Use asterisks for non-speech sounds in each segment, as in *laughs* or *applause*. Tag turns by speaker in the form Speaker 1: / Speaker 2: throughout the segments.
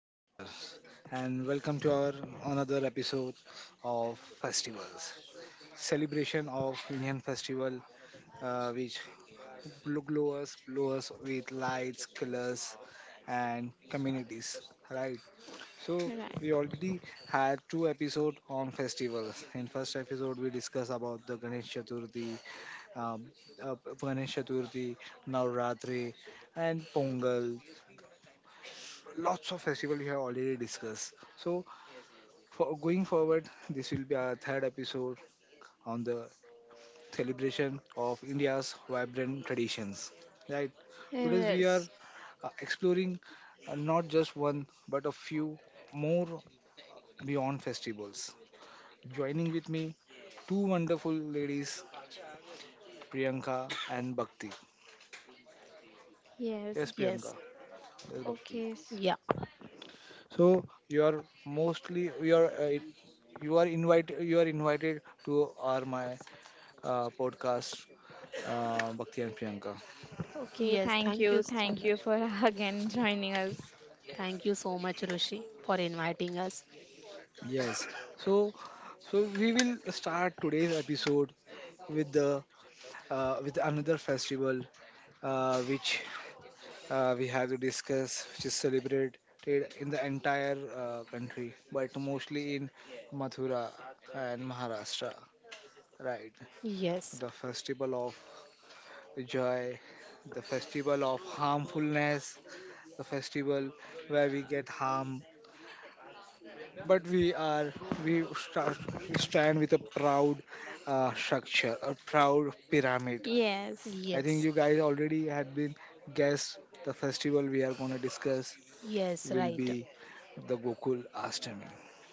Speaker 1: namaskar, and welcome to our another episode of festivals. Celebration of Indian festival, which glow us with lights, colors, and communities. Right. So
Speaker 2: Right.
Speaker 1: we already had two episodes on festivals. In first episode, we discussed about the Ganesh Chaturthi, um, uh, Ganesh Chaturthi, Navratri, and Pongal. Lots of festival we have already discussed, so for going forward this will be our third episode on the celebration of India's vibrant traditions, right? Today we are
Speaker 2: Yes.
Speaker 1: exploring, not just one but a few more beyond festivals. Joining with me two wonderful ladies, Priyanka and Bhakti.
Speaker 2: Yes.
Speaker 1: Yes, Priyanka.
Speaker 3: Yes,
Speaker 1: Yes, Bhakti.
Speaker 2: Okay. s-
Speaker 3: yeah,
Speaker 1: So you are mostly you are invited to our my podcast, Bhakti and Priyanka.
Speaker 2: Okay.
Speaker 3: yes.
Speaker 2: Thank
Speaker 3: Thank you
Speaker 2: you.
Speaker 3: so
Speaker 2: Thank
Speaker 3: much.
Speaker 2: you for *laughs* again joining us.
Speaker 3: Thank you so much, Rishi, for inviting us.
Speaker 1: Yes. So, so, we will start today's episode with the with another festival, which, we have to discuss, which is celebrated in the entire country, but mostly in Mathura and Maharashtra. Right,
Speaker 3: Yes,
Speaker 1: the festival of joy, the festival of harmfulness, the festival where we get harm, but we are we start, we stand with a proud pyramid.
Speaker 2: Yes.
Speaker 1: I think
Speaker 3: yes,
Speaker 1: you guys already had been guessed the festival we are going to discuss
Speaker 3: yes,
Speaker 1: will
Speaker 3: right.
Speaker 1: be the Gokul Ashtami.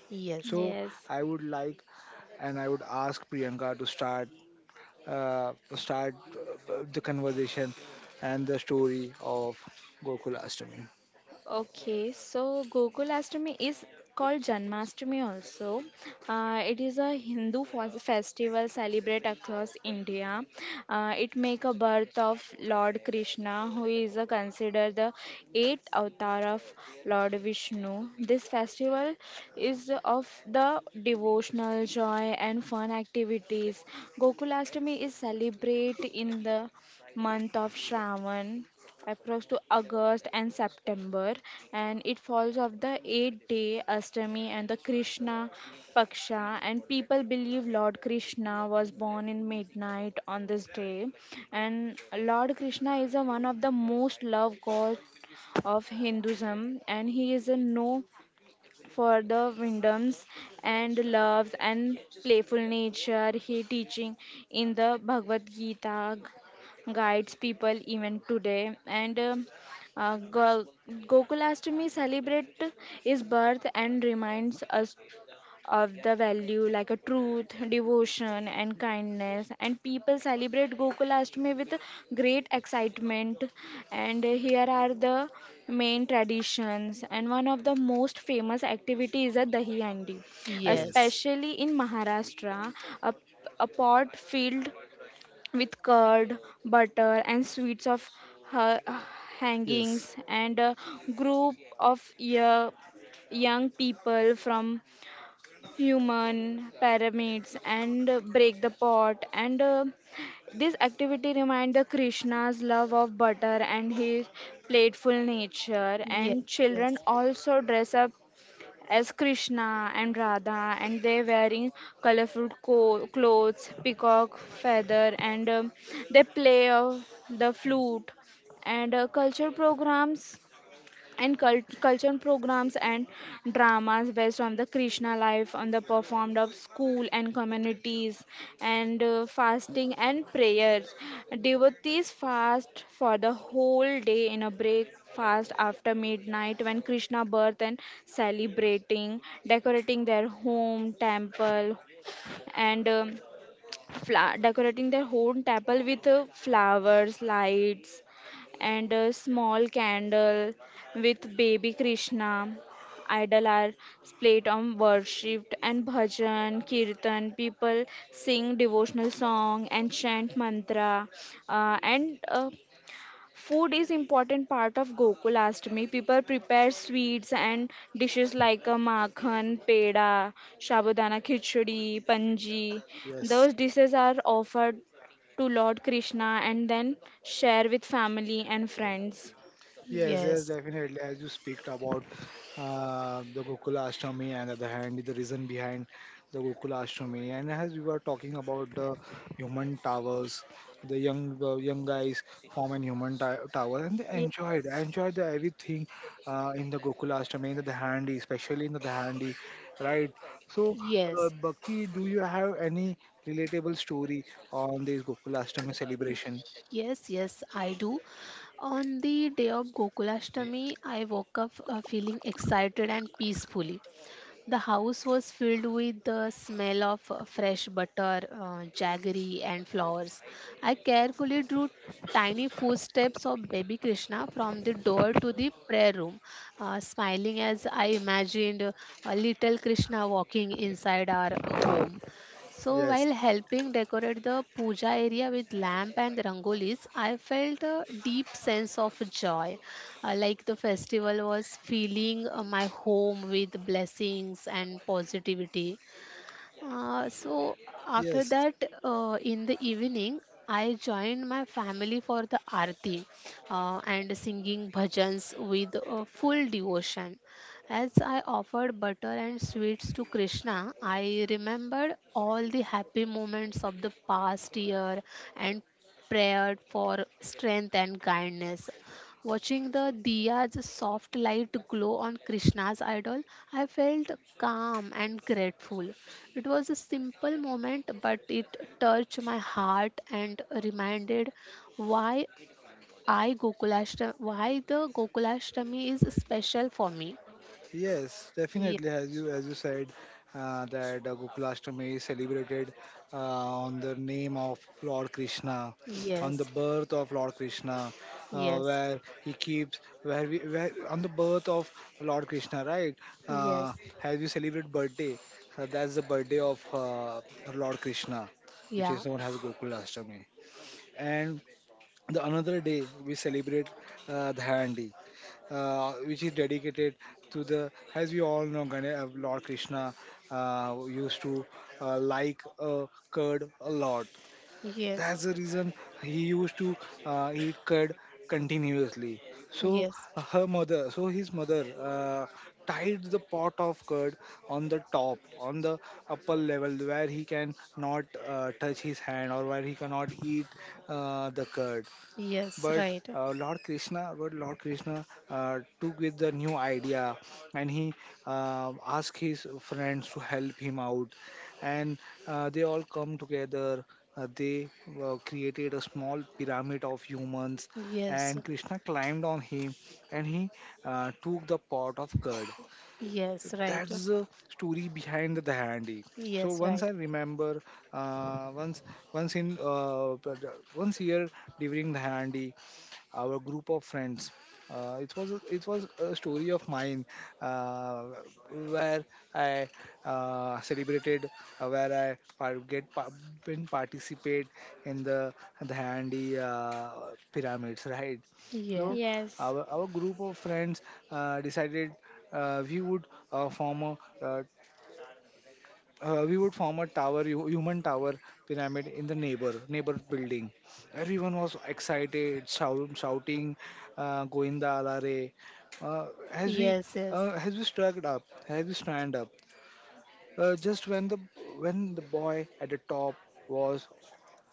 Speaker 3: Yes,
Speaker 1: So
Speaker 2: Yes.
Speaker 1: i would like I would ask Priyanka to start, the conversation and the story of Gokul Ashtami.
Speaker 2: Okay, so Gokulashtami is called Janmashtami also. It is a Hindu festival celebrated across India. It make a birth of Lord Krishna, who is considered the eighth avatar of Lord Vishnu. This festival is of the devotional joy and fun activities. Gokulashtami is celebrated in the month of Shravan approx to August and September, and it falls of the 8 day Ashtami and the Krishna Paksha. And people believe Lord Krishna was born in midnight on this day, and Lord Krishna is a, one of the most loved god of Hinduism, and he is a no for the wisdoms and loves and playful nature he teaching in the Bhagavad Gita guides people even today and uh, Go- Gokulashtami celebrate his birth and reminds us of the value like a truth, devotion, and kindness. And people celebrate Gokulashtami with great excitement. And here are the main traditions. And one of the most famous activity is a dahi handi,
Speaker 3: yes,
Speaker 1: Yes,
Speaker 2: especially in Maharashtra, a, a pot filled with curd, butter, and sweets of ha-
Speaker 1: yes,
Speaker 2: hangings and a group of yeah, young people from human pyramids and break the pot and this activity remind the Krishna's love of butter and his playful nature,
Speaker 3: yes,
Speaker 2: and children
Speaker 3: yes,
Speaker 2: also dress up as Krishna and Radha, and they wearing colorful clothes, peacock feather, and they play the flute and culture programs and dramas based on the Krishna life on the performed of school and communities, and fasting and prayers, devotees fast for the whole day in a break fast after midnight when Krishna birth, and celebrating decorating their home temple and decorating their home temple with flowers, lights, and a small candle with baby Krishna. Idol are played on worshipped and bhajan, kirtan. People sing devotional song and chant mantra, and food is important part of Gokul Ashtami. People prepare sweets and dishes like a makhan, peda, shabudana khichdi, panji.
Speaker 1: yes.
Speaker 2: Those dishes are offered to Lord Krishna and then share with family and friends.
Speaker 1: Yes, yes,
Speaker 3: yes,
Speaker 1: definitely. As you speak about, the Gokula Ashtami and at the hand, the reason behind the Gokula Ashtami, and as we were talking about the human towers, the young guys form an human tower, and they
Speaker 2: Ye-
Speaker 1: enjoyed the everything in the Gokula Ashtami, in the Dahandi, especially in the Dahandi, right? So,
Speaker 3: yes,
Speaker 1: Bhakti, do you have any relatable story on this Gokula Ashtami celebration?
Speaker 3: yes, yes, I do. On the day of Gokulashtami, I woke up feeling excited and peacefully. The house was filled with the smell of fresh butter, jaggery, and flowers. I carefully drew tiny footsteps of baby Krishna from the door to the prayer room, smiling as I imagined a little Krishna walking inside our home. So
Speaker 1: Yes,
Speaker 3: while helping decorate the puja area with lamp and rangolis, I felt a deep sense of joy, like the festival was filling my home with blessings and positivity. So after
Speaker 1: yes.
Speaker 3: that, in the evening, I joined my family for the arti and singing bhajans with full devotion. As I offered butter and sweets to Krishna, I remembered all the happy moments of the past year and prayed for strength and kindness. Watching the diya's soft light glow on Krishna's idol, I felt calm and grateful. It was a simple moment, but it touched my heart and reminded why why the Gokulashtami is special for me.
Speaker 1: Yes,
Speaker 3: Ye-
Speaker 1: definitely. As you said, that Gokulashtami is celebrated uh, on the name of Lord Krishna, on
Speaker 3: Yes,
Speaker 1: the birth of Lord Krishna,
Speaker 3: yes,
Speaker 1: where he keeps where we where on the birth of Lord Krishna, right? Uh,
Speaker 3: yes,
Speaker 1: as we celebrate birthday, that's the birthday of Lord Krishna, which
Speaker 3: yeah,
Speaker 1: is known as Gokulashtami. And the another day we celebrate the handi, which is dedicated to the, as we all know, Lord Krishna used to like curd a lot.
Speaker 3: yes,
Speaker 1: That's the reason he used to eat curd continuously. So
Speaker 3: yes,
Speaker 1: her mother so his mother tied the pot of curd on the top on the upper level where he can not touch his hand, or where he cannot eat the curd.
Speaker 3: yes,
Speaker 1: But
Speaker 3: right,
Speaker 1: Lord Krishna took with the new idea, and he asked his friends to help him out, and they all come together. They created a small pyramid of humans,
Speaker 3: yes,
Speaker 1: and Krishna climbed on him, and he took the pot of curd.
Speaker 3: yes, right,
Speaker 1: That's the story behind the handi. So
Speaker 3: yes,
Speaker 1: once I
Speaker 3: right,
Speaker 1: remember, uh, once once year during the handi our group of friends. It was a story of mine, uh, where I celebrated, where I par- get pa- been participate in the handy pyramids, right?
Speaker 3: yeah,
Speaker 1: So
Speaker 2: Yes.
Speaker 1: our group of friends decided, we would form a we would form a human tower pyramid in the neighbor building. Everyone was excited, shouting goinda alare uh, as we
Speaker 3: yes, yes.
Speaker 1: as we struck up as we stand up, just when the boy at the top was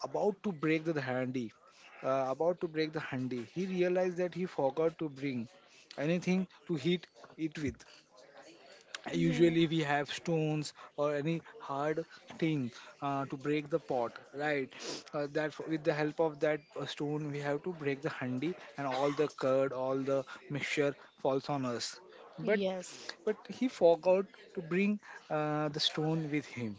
Speaker 1: about to break the handy, he realized that he forgot to bring anything to hit it with.
Speaker 2: Yeah.
Speaker 1: Usually we have stones or any hard thing to break the pot, right? That with the help of that stone we have to break the handi, and all the mixture falls on us. But
Speaker 3: Yes.
Speaker 1: he forgot to bring the stone with him.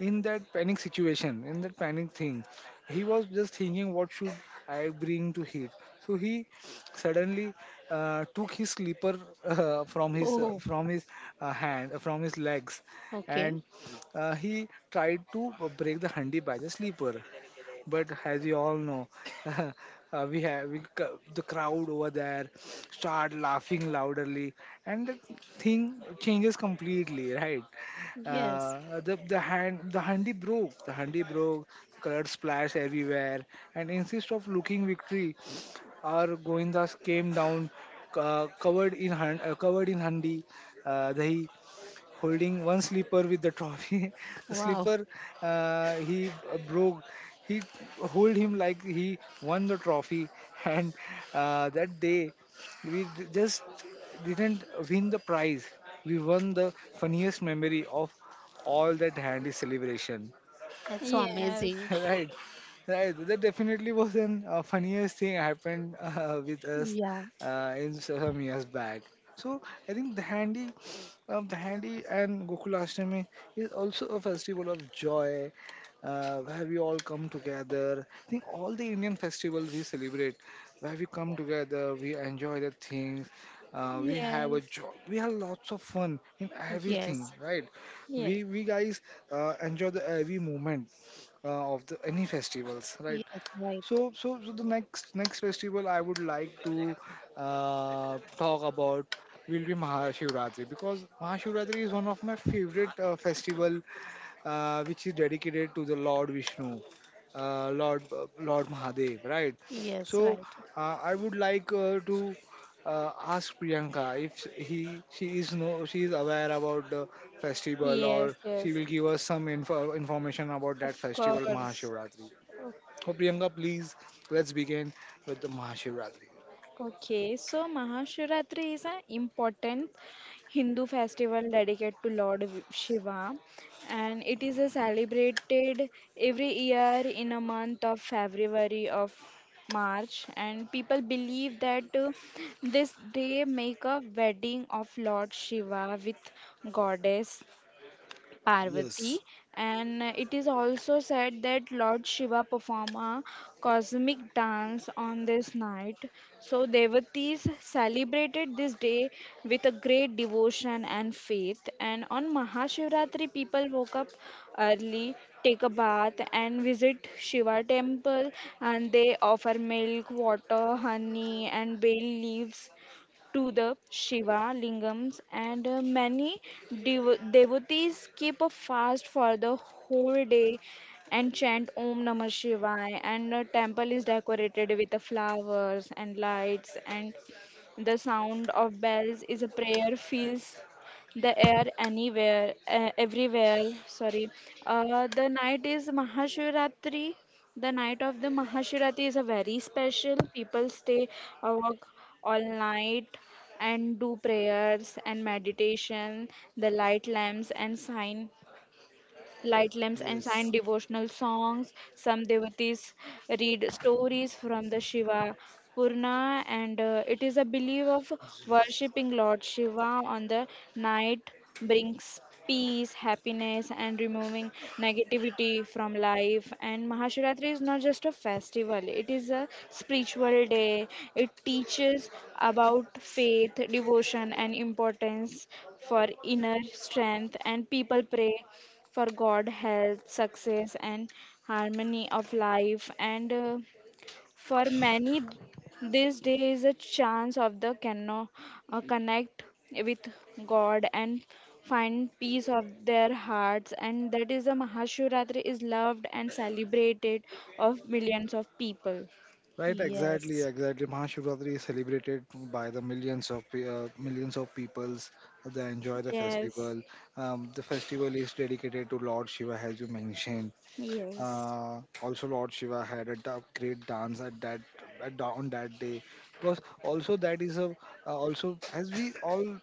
Speaker 1: In that panic thing, he was just thinking, what should I bring to hit? So he suddenly took his slipper,
Speaker 3: Oh,
Speaker 1: from his hand, from his legs,
Speaker 3: okay.
Speaker 1: and he tried to break the handi by the slipper. But as you all know, *laughs* we have we, c- the crowd over there start laughing loudly, and the thing changes completely, right?
Speaker 3: Yes.
Speaker 1: The handi broke, blood splashed everywhere, and instead of looking victory, our goindas came down, covered in handi, dahi, holding one slipper with the trophy. *laughs* The
Speaker 3: Wow.
Speaker 1: slipper he broke. He hold him like he won the trophy, *laughs* and that day we just didn't win the prize. We won the funniest memory of all that handy celebration.
Speaker 3: That's so
Speaker 2: Yes.
Speaker 3: amazing.
Speaker 1: *laughs* Right. Right, that definitely was an funniest thing happened, *laughs* with us
Speaker 3: Yeah.
Speaker 1: in some years back. So I think the handy and Gokulashtami is also a festival of joy, where we all come together. I think all the Indian festivals we celebrate, where we come together, we enjoy the things, we have a
Speaker 2: Yes.
Speaker 1: joy, we have lots of fun in everything,
Speaker 3: Yes.
Speaker 1: right?
Speaker 2: Yes.
Speaker 1: We guys enjoy the every moment of the any festivals, right?
Speaker 3: Yes, right.
Speaker 1: So the next festival I would like to talk about will be Mahashivratri, because Mahashivratri is one of my favorite festival, which is dedicated to the Lord Vishnu, Lord Mahadev, right?
Speaker 3: Yes,
Speaker 1: So
Speaker 3: right.
Speaker 1: I would like to ask Priyanka if he she is no she is aware about the festival,
Speaker 2: Yes.
Speaker 1: or she
Speaker 2: Yes.
Speaker 1: will give us some information about that
Speaker 2: Of
Speaker 1: festival
Speaker 2: course.
Speaker 1: Mahashivratri. So Priyanka, please, let's begin with the Mahashivratri.
Speaker 2: Okay, so Mahashivratri is an important Hindu festival dedicated to Lord Shiva, and it is a celebrated every year in a month of February of March, and people believe that this day make a wedding of Lord Shiva with goddess Parvati,
Speaker 1: Yes.
Speaker 2: and it is also said that Lord Shiva performed a cosmic dance on this night. So, devotees celebrated this day with a great devotion and faith. And on Mahashivratri, people woke up early, take a bath, and visit Shiva temple, and they offer milk, water, honey, and bay leaves to the Shiva lingams, and many devotees keep a fast for the whole day and chant Om Namah Shivaya. And the temple is decorated with the flowers and lights, and the sound of bells is a prayer fills the air anywhere, everywhere, sorry, uh, the night is mahashivratri the night of the Mahashirati is a very special. People stay awake all night and do prayers and meditation. The light lamps and sign Light lamps and sang
Speaker 1: Yes.
Speaker 2: devotional songs. Some devotees read stories from the Shiva Purana, and it is a belief of worshipping Lord Shiva on the night brings peace, happiness, and removing negativity from life. And Mahashivratri is not just a festival, it is a spiritual day. It teaches about faith, devotion, and importance for inner strength. And people pray for God, health, success, and harmony of life. And for many, this day is a chance of connect with God and find peace of their hearts. And that is the Mahashivratri is loved and celebrated of millions of people.
Speaker 1: Right, exactly,
Speaker 3: Yes.
Speaker 1: exactly. Mahashivratri is celebrated by the millions of peoples that enjoy the
Speaker 2: Yes,
Speaker 1: festival. The festival is dedicated to Lord Shiva, as you mentioned.
Speaker 2: yes,
Speaker 1: Also, Lord Shiva had a great dance at that, on that day. Because also that is a also, as we all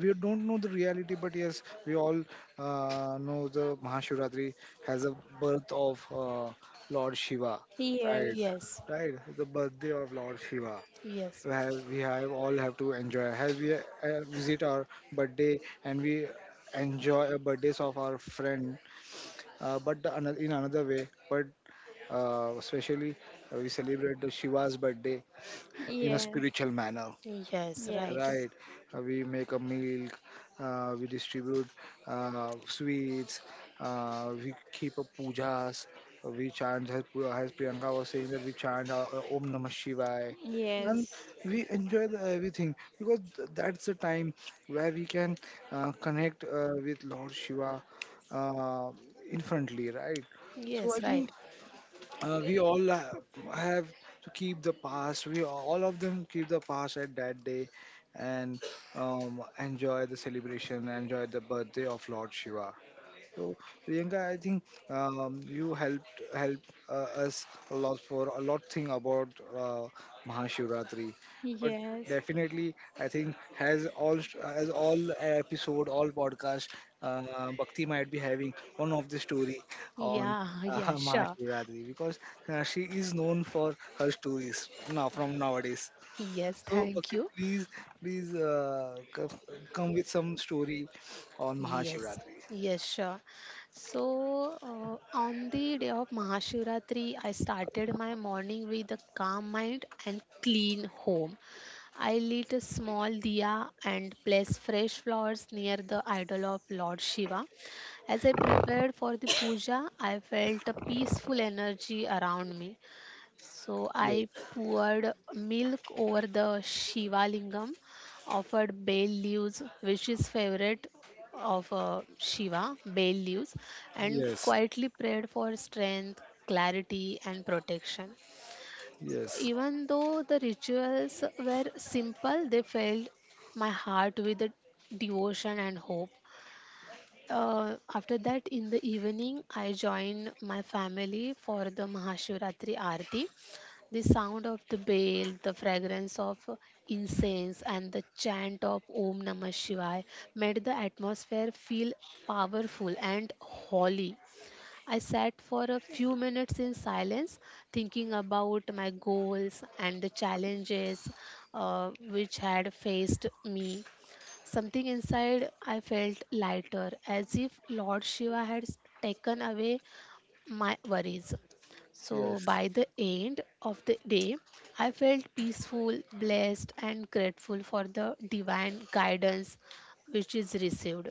Speaker 1: we don't know the reality, but yes, we all know the Mahashivratri has a birth of Lord Shiva, right?
Speaker 2: yes,
Speaker 3: Yes.
Speaker 1: Right, the birthday of Lord Shiva.
Speaker 3: Yes.
Speaker 1: We have all have to enjoy. Have we visit our birthday, and we enjoy the birthdays of our friend, but in another way. But especially we celebrate the Shiva's birthday in a
Speaker 2: yes,
Speaker 1: spiritual manner,
Speaker 3: Yes, right.
Speaker 2: yes,
Speaker 1: right? We make a milk, we distribute sweets, we keep up pujas, we chant, as Priyanka was saying, that we chant Om Namah Shivaya. And
Speaker 2: yes,
Speaker 1: we enjoy everything, because that's the time where we can connect with Lord Shiva uh, infinitely, right? So I
Speaker 3: Yes,
Speaker 1: think
Speaker 3: right.
Speaker 1: we all have to keep the past. We all of them keep the past at that day and enjoy the celebration, enjoy the birthday of Lord Shiva. So, Priyanka, I think you helped us a lot for a lot thing about uh, Mahashivratri. But definitely, I think has all as all episode, all podcast, Bhakti might be having one of the story on
Speaker 3: Yeah, *laughs* yeah,
Speaker 1: *laughs*
Speaker 3: sure.
Speaker 1: Mahashivratri, because she is known for her stories now from nowadays.
Speaker 3: Yes,
Speaker 1: So,
Speaker 3: thank
Speaker 1: Bhakti,
Speaker 3: you.
Speaker 1: please, please come with some story on
Speaker 3: Yes,
Speaker 1: Mahashivratri.
Speaker 3: yes, sure. So, on the day of Mahashivratri, I started my morning with a calm mind and clean home. I lit a small diya and placed fresh flowers near the idol of Lord Shiva. As I prepared for the puja, I felt a peaceful energy around me. So
Speaker 1: Yes.
Speaker 3: I poured milk over the Shiva Lingam, offered bay leaves, which is favorite of Shiva, bay leaves, and
Speaker 1: Yes,
Speaker 3: quietly prayed for strength, clarity, and protection.
Speaker 1: yes,
Speaker 3: Even though the rituals were simple, they filled my heart with devotion and hope. After that, in the evening, I joined my family for the Mahashivratri Aarti. The sound of the bell, the fragrance of incense, and the chant of Om Namah Shivaya made the atmosphere feel powerful and holy. I sat for a few minutes in silence, thinking about my goals and the challenges which had faced me. Something inside I felt lighter, as if Lord Shiva had taken away my worries. So,
Speaker 1: yes,
Speaker 3: by the end of the day, I felt peaceful, blessed, and grateful for the divine guidance which is received.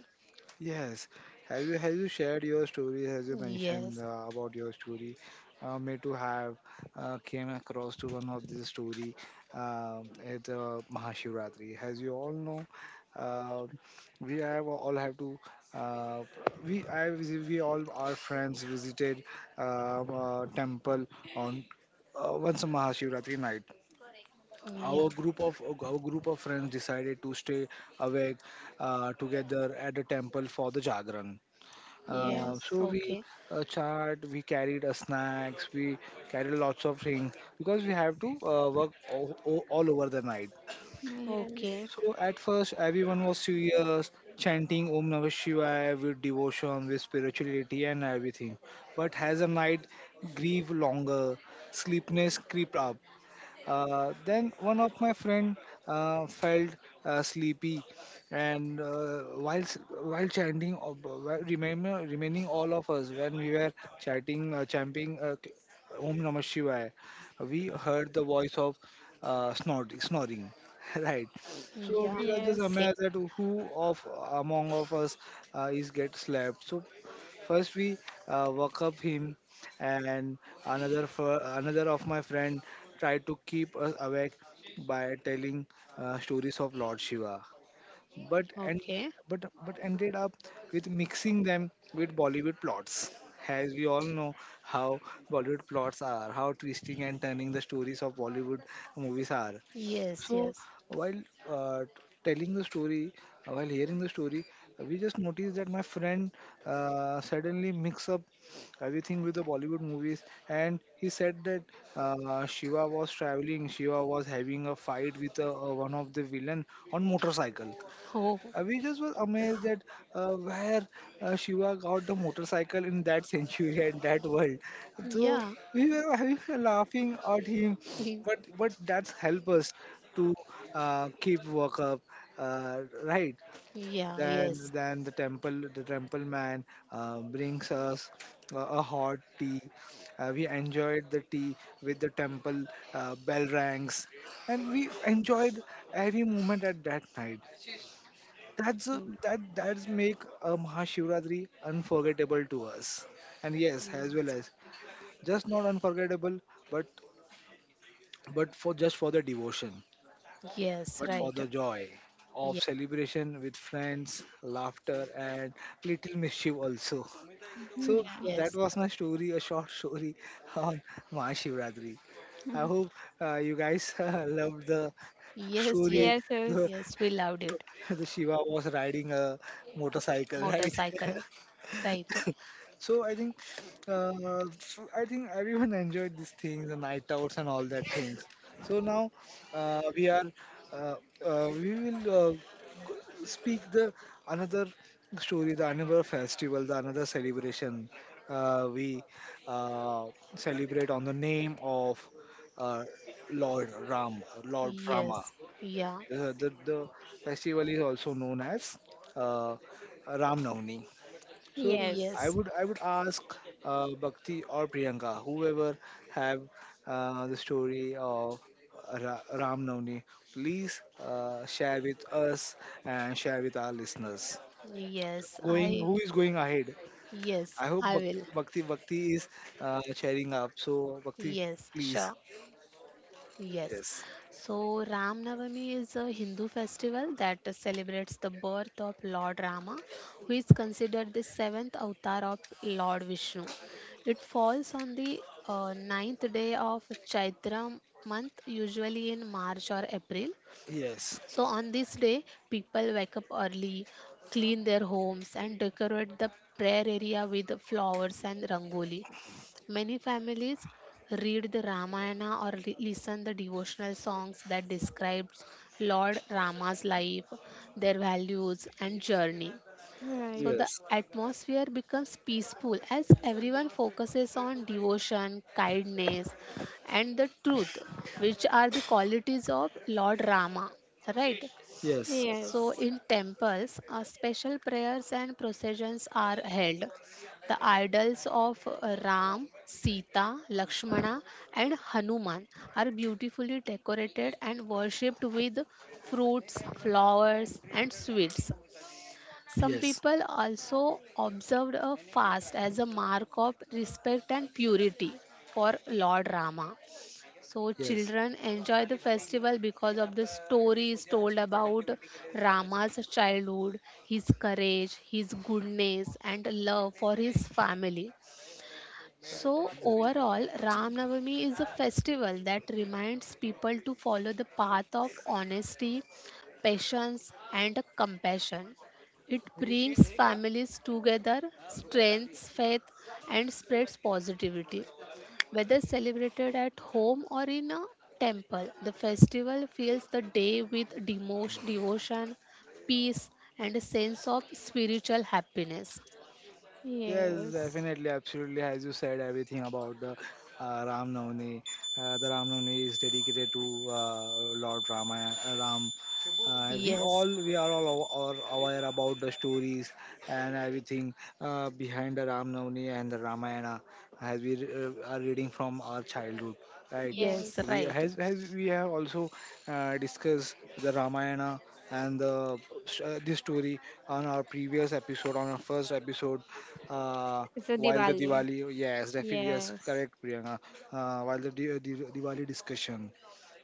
Speaker 1: yes. Have you shared your story? As you mentioned,
Speaker 3: Yes,
Speaker 1: about your story, me too have came across to one of the story at Mahashivratri. As you all know, uh, we have all have to uh, we all our friends visited temple on once a Mahashivratri night.
Speaker 3: yeah,
Speaker 1: Our group of friends decided to stay awake, together at the temple for the jagran,
Speaker 3: yeah,
Speaker 2: yes,
Speaker 1: so
Speaker 3: okay,
Speaker 1: we carried snacks, we carried lots of things, because we have to work all over the night.
Speaker 2: yes,
Speaker 3: okay,
Speaker 1: So
Speaker 2: yes.
Speaker 1: at first everyone was serious, chanting Om Namah Shivaya with devotion, with spirituality and everything. But as the night grew longer, sleepiness crept up. Then one of my friend felt sleepy, and while chanting, while remember remaining all of us when we were chanting, Om Namah Shivaya, we heard the voice of snoring. *laughs* Right, so
Speaker 3: yeah,
Speaker 1: we were just
Speaker 2: Yes.
Speaker 3: okay,
Speaker 1: amazed that who of among of us is get slept. So first we woke up him and another of my friend tried to keep us awake by telling stories of Lord Shiva but and
Speaker 3: okay,
Speaker 1: but but ended up with mixing them with Bollywood plots. As we all know how Bollywood plots are, how twisting and turning the stories of Bollywood movies are.
Speaker 3: yes,
Speaker 1: So
Speaker 3: yes,
Speaker 1: while uh, telling the story, while hearing the story, we just noticed that my friend suddenly mix up everything with the Bollywood movies, and he said that Shiva was traveling, Shiva was having a fight with one of the villain on motorcycle.
Speaker 3: oh,
Speaker 1: We just were amazed that where Shiva got the motorcycle in that century *laughs* and that world. So
Speaker 3: yeah,
Speaker 1: we were laughing at him, but
Speaker 3: *laughs*
Speaker 1: but that's help us to keep work up, right?
Speaker 3: yeah,
Speaker 1: Then
Speaker 3: yes,
Speaker 1: then the temple man brings us a hot tea. We enjoyed the tea with the temple bell rings, and we enjoyed every moment at that night. That's a,
Speaker 3: Mm,
Speaker 1: that that's make a Mahashivratri unforgettable to us, and yes,
Speaker 3: yes,
Speaker 1: as well as just not unforgettable, but but for just for the devotion,
Speaker 3: Yes,
Speaker 1: but for
Speaker 3: right.
Speaker 1: the joy
Speaker 3: Ye-
Speaker 1: of celebration with friends, laughter, and little mischief also. So
Speaker 2: Yeah.
Speaker 1: that
Speaker 3: Yes,
Speaker 1: was my story, a short story on Mahashivratri. I hope you guys *laughs* loved the
Speaker 3: yes,
Speaker 1: story.
Speaker 3: yes,
Speaker 2: Yes, yes.
Speaker 1: The,
Speaker 3: yes, we loved it.
Speaker 1: the Shiva was riding a motorcycle, right? *laughs*
Speaker 3: Motorcycle, right?
Speaker 1: So I think, so I think everyone *laughs* enjoyed these things, the night outs and all that things. So now uh, we are, uh, we will speak the another story, the another festival, the another celebration we uh, celebrate on the name of uh, Lord Ram, Lord Rama.
Speaker 3: Yes, yeah,
Speaker 1: The festival is also known as uh, Ram Navami. So
Speaker 2: Yes.
Speaker 1: I
Speaker 3: yes,
Speaker 1: would I would ask Bhakti or Priyanka, whoever have the story of Ram Navami, please share with us and share with our listeners.
Speaker 3: yes,
Speaker 1: Going,
Speaker 3: I,
Speaker 1: who is going ahead?
Speaker 3: yes,
Speaker 1: I hope
Speaker 3: I
Speaker 1: Bhakti
Speaker 3: will.
Speaker 1: Bhakti Bhakti is cheering up. So Bhakti,
Speaker 3: Yes,
Speaker 1: please.
Speaker 3: sure, yes.
Speaker 1: Yes.
Speaker 3: So, Ram Navami is a Hindu festival that celebrates the birth of Lord Rama, who is considered the seventh avatar of Lord Vishnu. It falls on the ninth day of Chaitra month, usually in March or April.
Speaker 1: Yes.
Speaker 3: So on this day, people wake up early, clean their homes, and decorate the prayer area with flowers and rangoli. Many families read the Ramayana or listen the devotional songs that describes Lord Rama's life, their values and journey.
Speaker 2: Right.
Speaker 3: So the
Speaker 1: Yes.
Speaker 3: atmosphere becomes peaceful as everyone focuses on devotion, kindness, and the truth, which are the qualities of Lord Rama. Right?
Speaker 1: Yes.
Speaker 3: So,
Speaker 2: Yes.
Speaker 3: in temples, special prayers and processions are held. The idols of Ram, Sita, Lakshmana, and Hanuman are beautifully decorated and worshipped with fruits, flowers, and sweets. Some
Speaker 1: Yes.
Speaker 3: people also observed a fast as a mark of respect and purity for Lord Rama. So
Speaker 1: Yes.
Speaker 3: children enjoy the festival because of the stories told about Rama's childhood, his courage, his goodness and love for his family. So
Speaker 1: Right.
Speaker 3: overall Ram Navami is a festival that reminds people to follow the path of honesty, patience and compassion. It brings families together, strengthens faith and spreads positivity. Whether celebrated at home or in a temple, the festival fills the day with devotion, peace, and a sense of spiritual happiness.
Speaker 1: Yes,
Speaker 2: Yes.
Speaker 1: definitely, absolutely. As you said, everything about the Ram Navami. The Ram Navami is dedicated to Lord Rama, Ram. We
Speaker 3: Yes,
Speaker 1: all we are all aw- are aware about the stories and everything behind the Ram Navami and the Ramayana as we are reading from our childhood, right?
Speaker 3: yes,
Speaker 1: We
Speaker 2: Yes.
Speaker 3: right.
Speaker 1: has we have also discussed the Ramayana and the this story on our previous episode, on our first episode uh,
Speaker 2: It's a
Speaker 1: while the
Speaker 2: Diwali.
Speaker 1: Diwali, yes, definitely, yes,
Speaker 2: Yes.
Speaker 1: correct, Priyanka. While the Diwali discussion,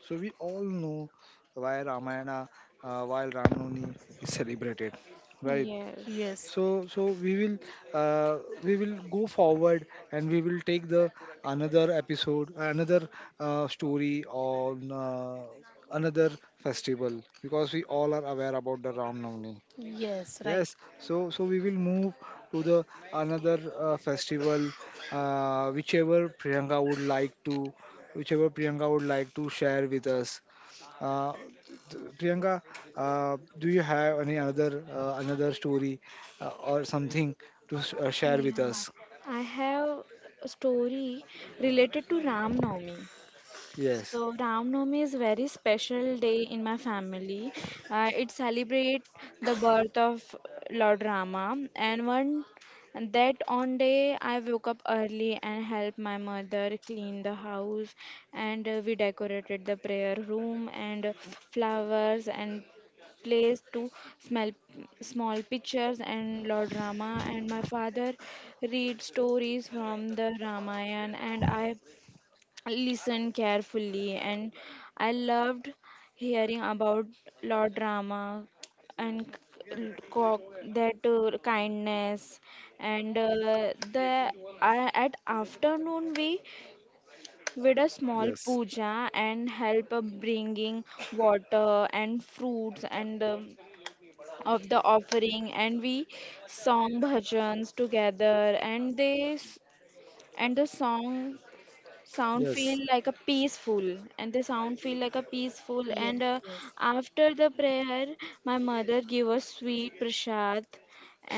Speaker 1: so we all know why Ramayana, while Ramnavami is celebrated, right?
Speaker 2: Yes.
Speaker 3: Yes,
Speaker 1: So, we will go forward and we will take the another episode, another story on another festival because we all are aware about the Ramnavami.
Speaker 3: yes, right.
Speaker 1: Yes, so we will move to the another festival, uh, whichever Priyanka would like to, whichever Priyanka would like to share with us. Uh, Priyanka, do you have any another story or something to share with
Speaker 2: Yeah.
Speaker 1: us?
Speaker 2: I have a story related to Ram Navami.
Speaker 1: Yes,
Speaker 2: So Ram Navami is very special day in my family. It celebrates the birth of Lord Rama, and one and that on day I woke up early and helped my mother clean the house, and we decorated the prayer room and flowers and place to small small pictures and Lord Rama, and my father read stories from the Ramayana, and I listen carefully, and I loved hearing about law drama and cock that kindness and the I at afternoon we did a small
Speaker 1: yes,
Speaker 2: puja and help bringing water and fruits and of the offering, and we sang bhajans together and and the song sound feel
Speaker 1: yes.
Speaker 2: like a peaceful, and the sound feel like a peaceful
Speaker 3: Yes,
Speaker 2: and
Speaker 3: yes,
Speaker 2: after the prayer my mother give us sweet prasad,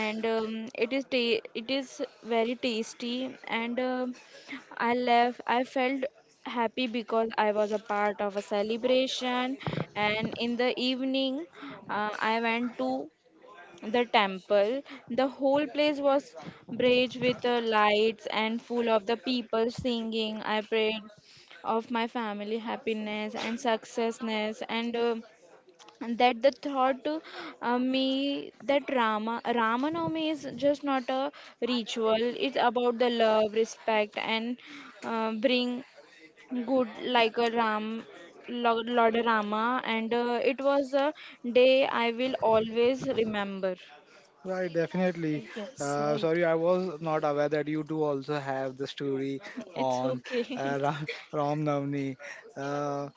Speaker 2: and it is very tasty, and I left I felt happy because I was a part of a celebration, and in the evening I went to the temple. The whole place was bright with the lights and full of the people singing. I prayed of my family happiness and successness and and that the thought to me that Ramanavami is just not a ritual. It's about the love, respect, and bring good like a Ram, Lord Rama. And it was a day I will always remember.
Speaker 1: Right, definitely.
Speaker 3: yes,
Speaker 1: Uh,
Speaker 3: right.
Speaker 1: sorry, I was not aware that you do also have the story
Speaker 2: It's
Speaker 1: on
Speaker 2: okay.
Speaker 1: uh,
Speaker 2: *laughs*
Speaker 1: Ram, Ram Navami. Uh,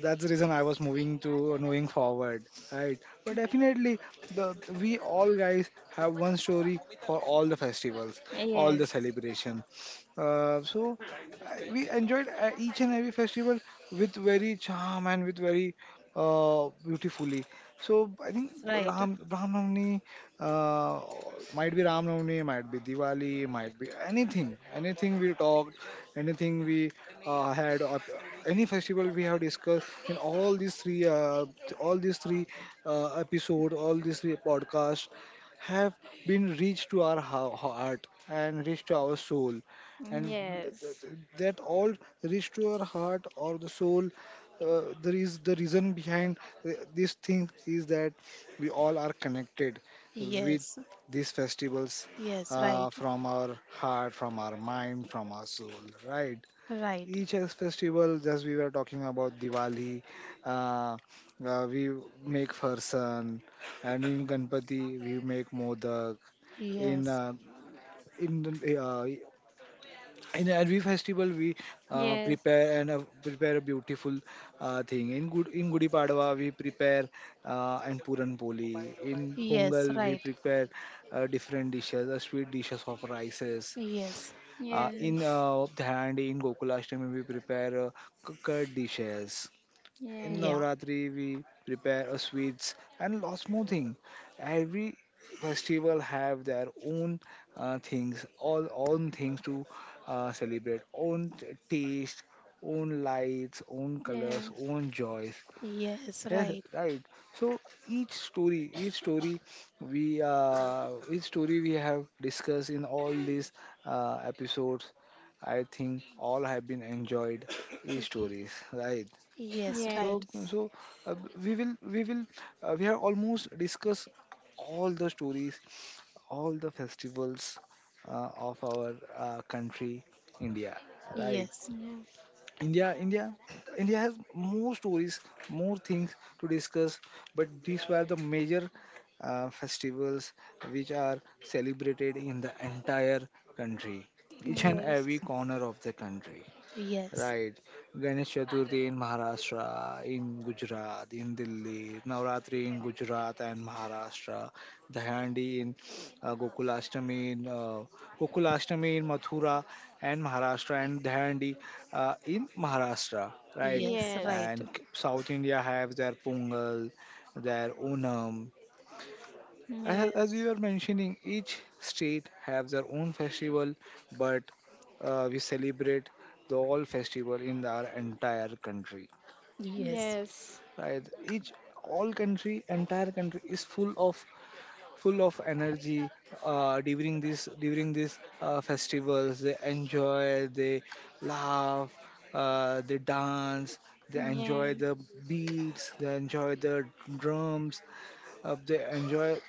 Speaker 1: that's the reason I was moving forward, right? But definitely, the we all guys have one story for all the festivals, all the
Speaker 2: Yes,
Speaker 1: celebration. So we enjoyed each and every festival with very charm and with very beautifully. So
Speaker 3: Yes,
Speaker 1: I think
Speaker 3: right.
Speaker 1: Ram Ram Navami uh, might be Ram Navami, might be Diwali, might be anything, anything we talked, anything we had, or any festival we have discussed in all these three episodes, all these three podcasts have been reached to our heart and reached to our soul, and
Speaker 2: yes,
Speaker 1: that all reached to our heart or the soul. There is the reason behind this thing is that we all are connected with
Speaker 3: Yes,
Speaker 1: these festivals
Speaker 3: yes, right.
Speaker 1: from our heart, from our mind, from our soul, right?
Speaker 3: Right.
Speaker 1: Each as festival, as we were talking about Diwali, uh, we make farsan, and in Ganpati we make modak. In
Speaker 3: Yes,
Speaker 1: uh, in uh, in every festival we
Speaker 2: yes,
Speaker 1: prepare a beautiful thing in good in gudi padwa we prepare and puran poli in
Speaker 3: yes,
Speaker 1: pongal we
Speaker 3: right.
Speaker 1: prepare different dishes sweet dishes of rices
Speaker 3: Yes,
Speaker 1: in
Speaker 2: yes,
Speaker 1: dhandi in gokulashtami we prepare curd dishes in
Speaker 2: yes,
Speaker 3: yeah.
Speaker 1: Navratri, we prepare a sweets and lot smoothing. Every festival have their own things, all own things to celebrate, own taste, own lights, own colors,
Speaker 2: yes,
Speaker 1: own joys.
Speaker 3: Yes,
Speaker 1: Yes,
Speaker 3: right.
Speaker 1: right. So each story, each story each story we have discussed in all these episodes. I think all have been enjoyed. Each
Speaker 3: Ye-
Speaker 1: stories, right?
Speaker 3: Yes,
Speaker 1: so
Speaker 3: right.
Speaker 2: yes,
Speaker 1: so uh, we will we will we have almost discussed all the stories all the festivals of our country India, right?
Speaker 3: Yes,
Speaker 2: yes,
Speaker 1: india india India has more stories, more things to discuss, but these were the major festivals which are celebrated in the entire country, each
Speaker 2: yes,
Speaker 1: and every
Speaker 2: yes,
Speaker 1: corner of the country.
Speaker 3: yes,
Speaker 1: Right. Ganesh Chaturthi in Maharashtra, in Gujarat, in Delhi, Navratri in Gujarat and Maharashtra, Dahandi in uh, Gokulashtami in uh, Gokulashtami in Mathura and Maharashtra and Dahandi in Maharashtra,
Speaker 2: yes,
Speaker 1: right?
Speaker 3: yes,
Speaker 2: yes,
Speaker 3: right.
Speaker 1: And South India have their Pongal, their Onam, as we were mentioning, each state have their own festival, but we celebrate the all festival in our entire country.
Speaker 3: Yes,
Speaker 1: Right? Each all country, entire country is full of energy during these festivals. They enjoy, they laugh, they dance, they
Speaker 2: yeah,
Speaker 1: enjoy the beats, they enjoy the drums, they enjoy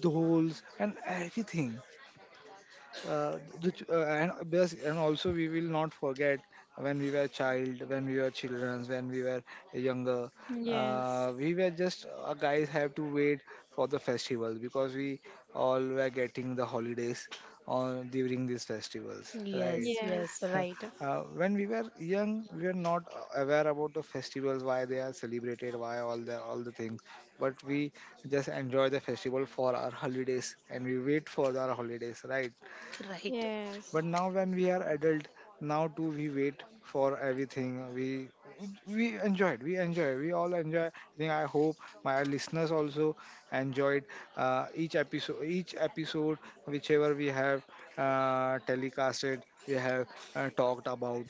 Speaker 1: the holes and everything, and because, and also we will not forget when we were children when we were younger,
Speaker 2: yes,
Speaker 1: we were just guys have to wait for the festivals because we all were getting the holidays on during these festivals, right?
Speaker 3: yes,
Speaker 2: yes,
Speaker 3: yes,
Speaker 2: yes,
Speaker 3: right.
Speaker 1: *laughs* When we were young we were not aware about the festivals, why they are celebrated, why all the things, but we just enjoy the festival for our holidays and we wait for our holidays, right?
Speaker 3: Right.
Speaker 2: yes.
Speaker 1: But now when we are adult, now too we wait for everything. We all enjoy. I think, I hope my listeners also enjoyed each episode whichever we have telecasted, we have talked about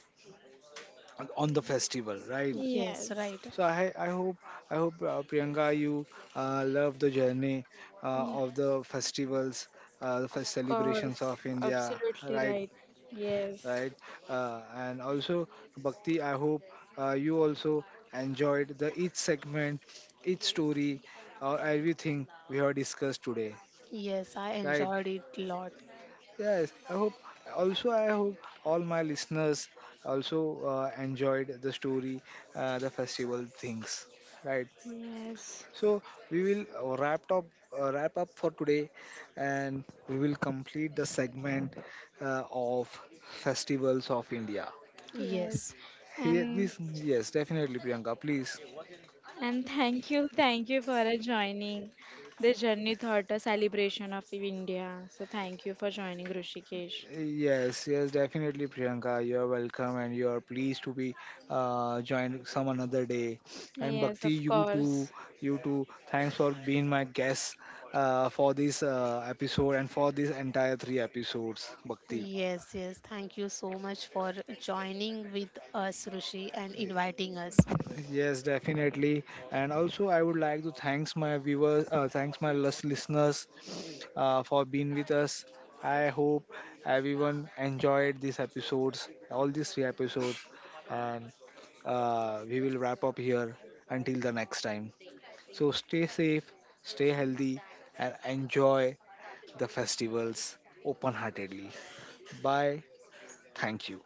Speaker 1: on the festival, right?
Speaker 3: Yes, right.
Speaker 1: So I hope, Priyanka, you love the journey
Speaker 2: Ye-
Speaker 1: of the festivals, the
Speaker 2: Of
Speaker 1: first celebrations
Speaker 2: course,
Speaker 1: of India,
Speaker 2: absolutely
Speaker 1: right
Speaker 2: right. Yes,
Speaker 1: right? And also, Bhakti, I hope you also enjoyed the each segment, each story, or everything we have discussed today,
Speaker 3: Yes, I
Speaker 1: right?
Speaker 3: enjoyed it a lot.
Speaker 1: Yes, I hope. Also, I hope all my listeners also enjoyed the story, the festival things, right?
Speaker 2: yes,
Speaker 1: So we will wrap up. Wrap up for today and we will complete the segment of festivals of India.
Speaker 2: yes.
Speaker 3: Yes,
Speaker 2: And
Speaker 1: Yes, definitely, Priyanka. Please,
Speaker 2: And thank you for joining the Journey Thought a celebration of India. So thank you for joining Rushikesh.
Speaker 1: yes, yes, definitely, Priyanka. You're welcome, and you're pleased to be joined some another day. And
Speaker 2: Yes,
Speaker 1: Bhakti,
Speaker 2: of
Speaker 1: you too,
Speaker 2: course.
Speaker 1: you too. Thanks for being my guest for this episode and for this entire three episodes, Bhakti.
Speaker 3: yes, yes. Thank you so much for joining with us, Rushi, and inviting us.
Speaker 1: Yes, definitely. And also, I would like to thanks my viewers, thanks my listeners for being with us. I hope everyone enjoyed these episodes, all these three episodes, and we will wrap up here until the next time. So stay safe, stay healthy, and enjoy the festivals open heartedly. Bye. Thank you.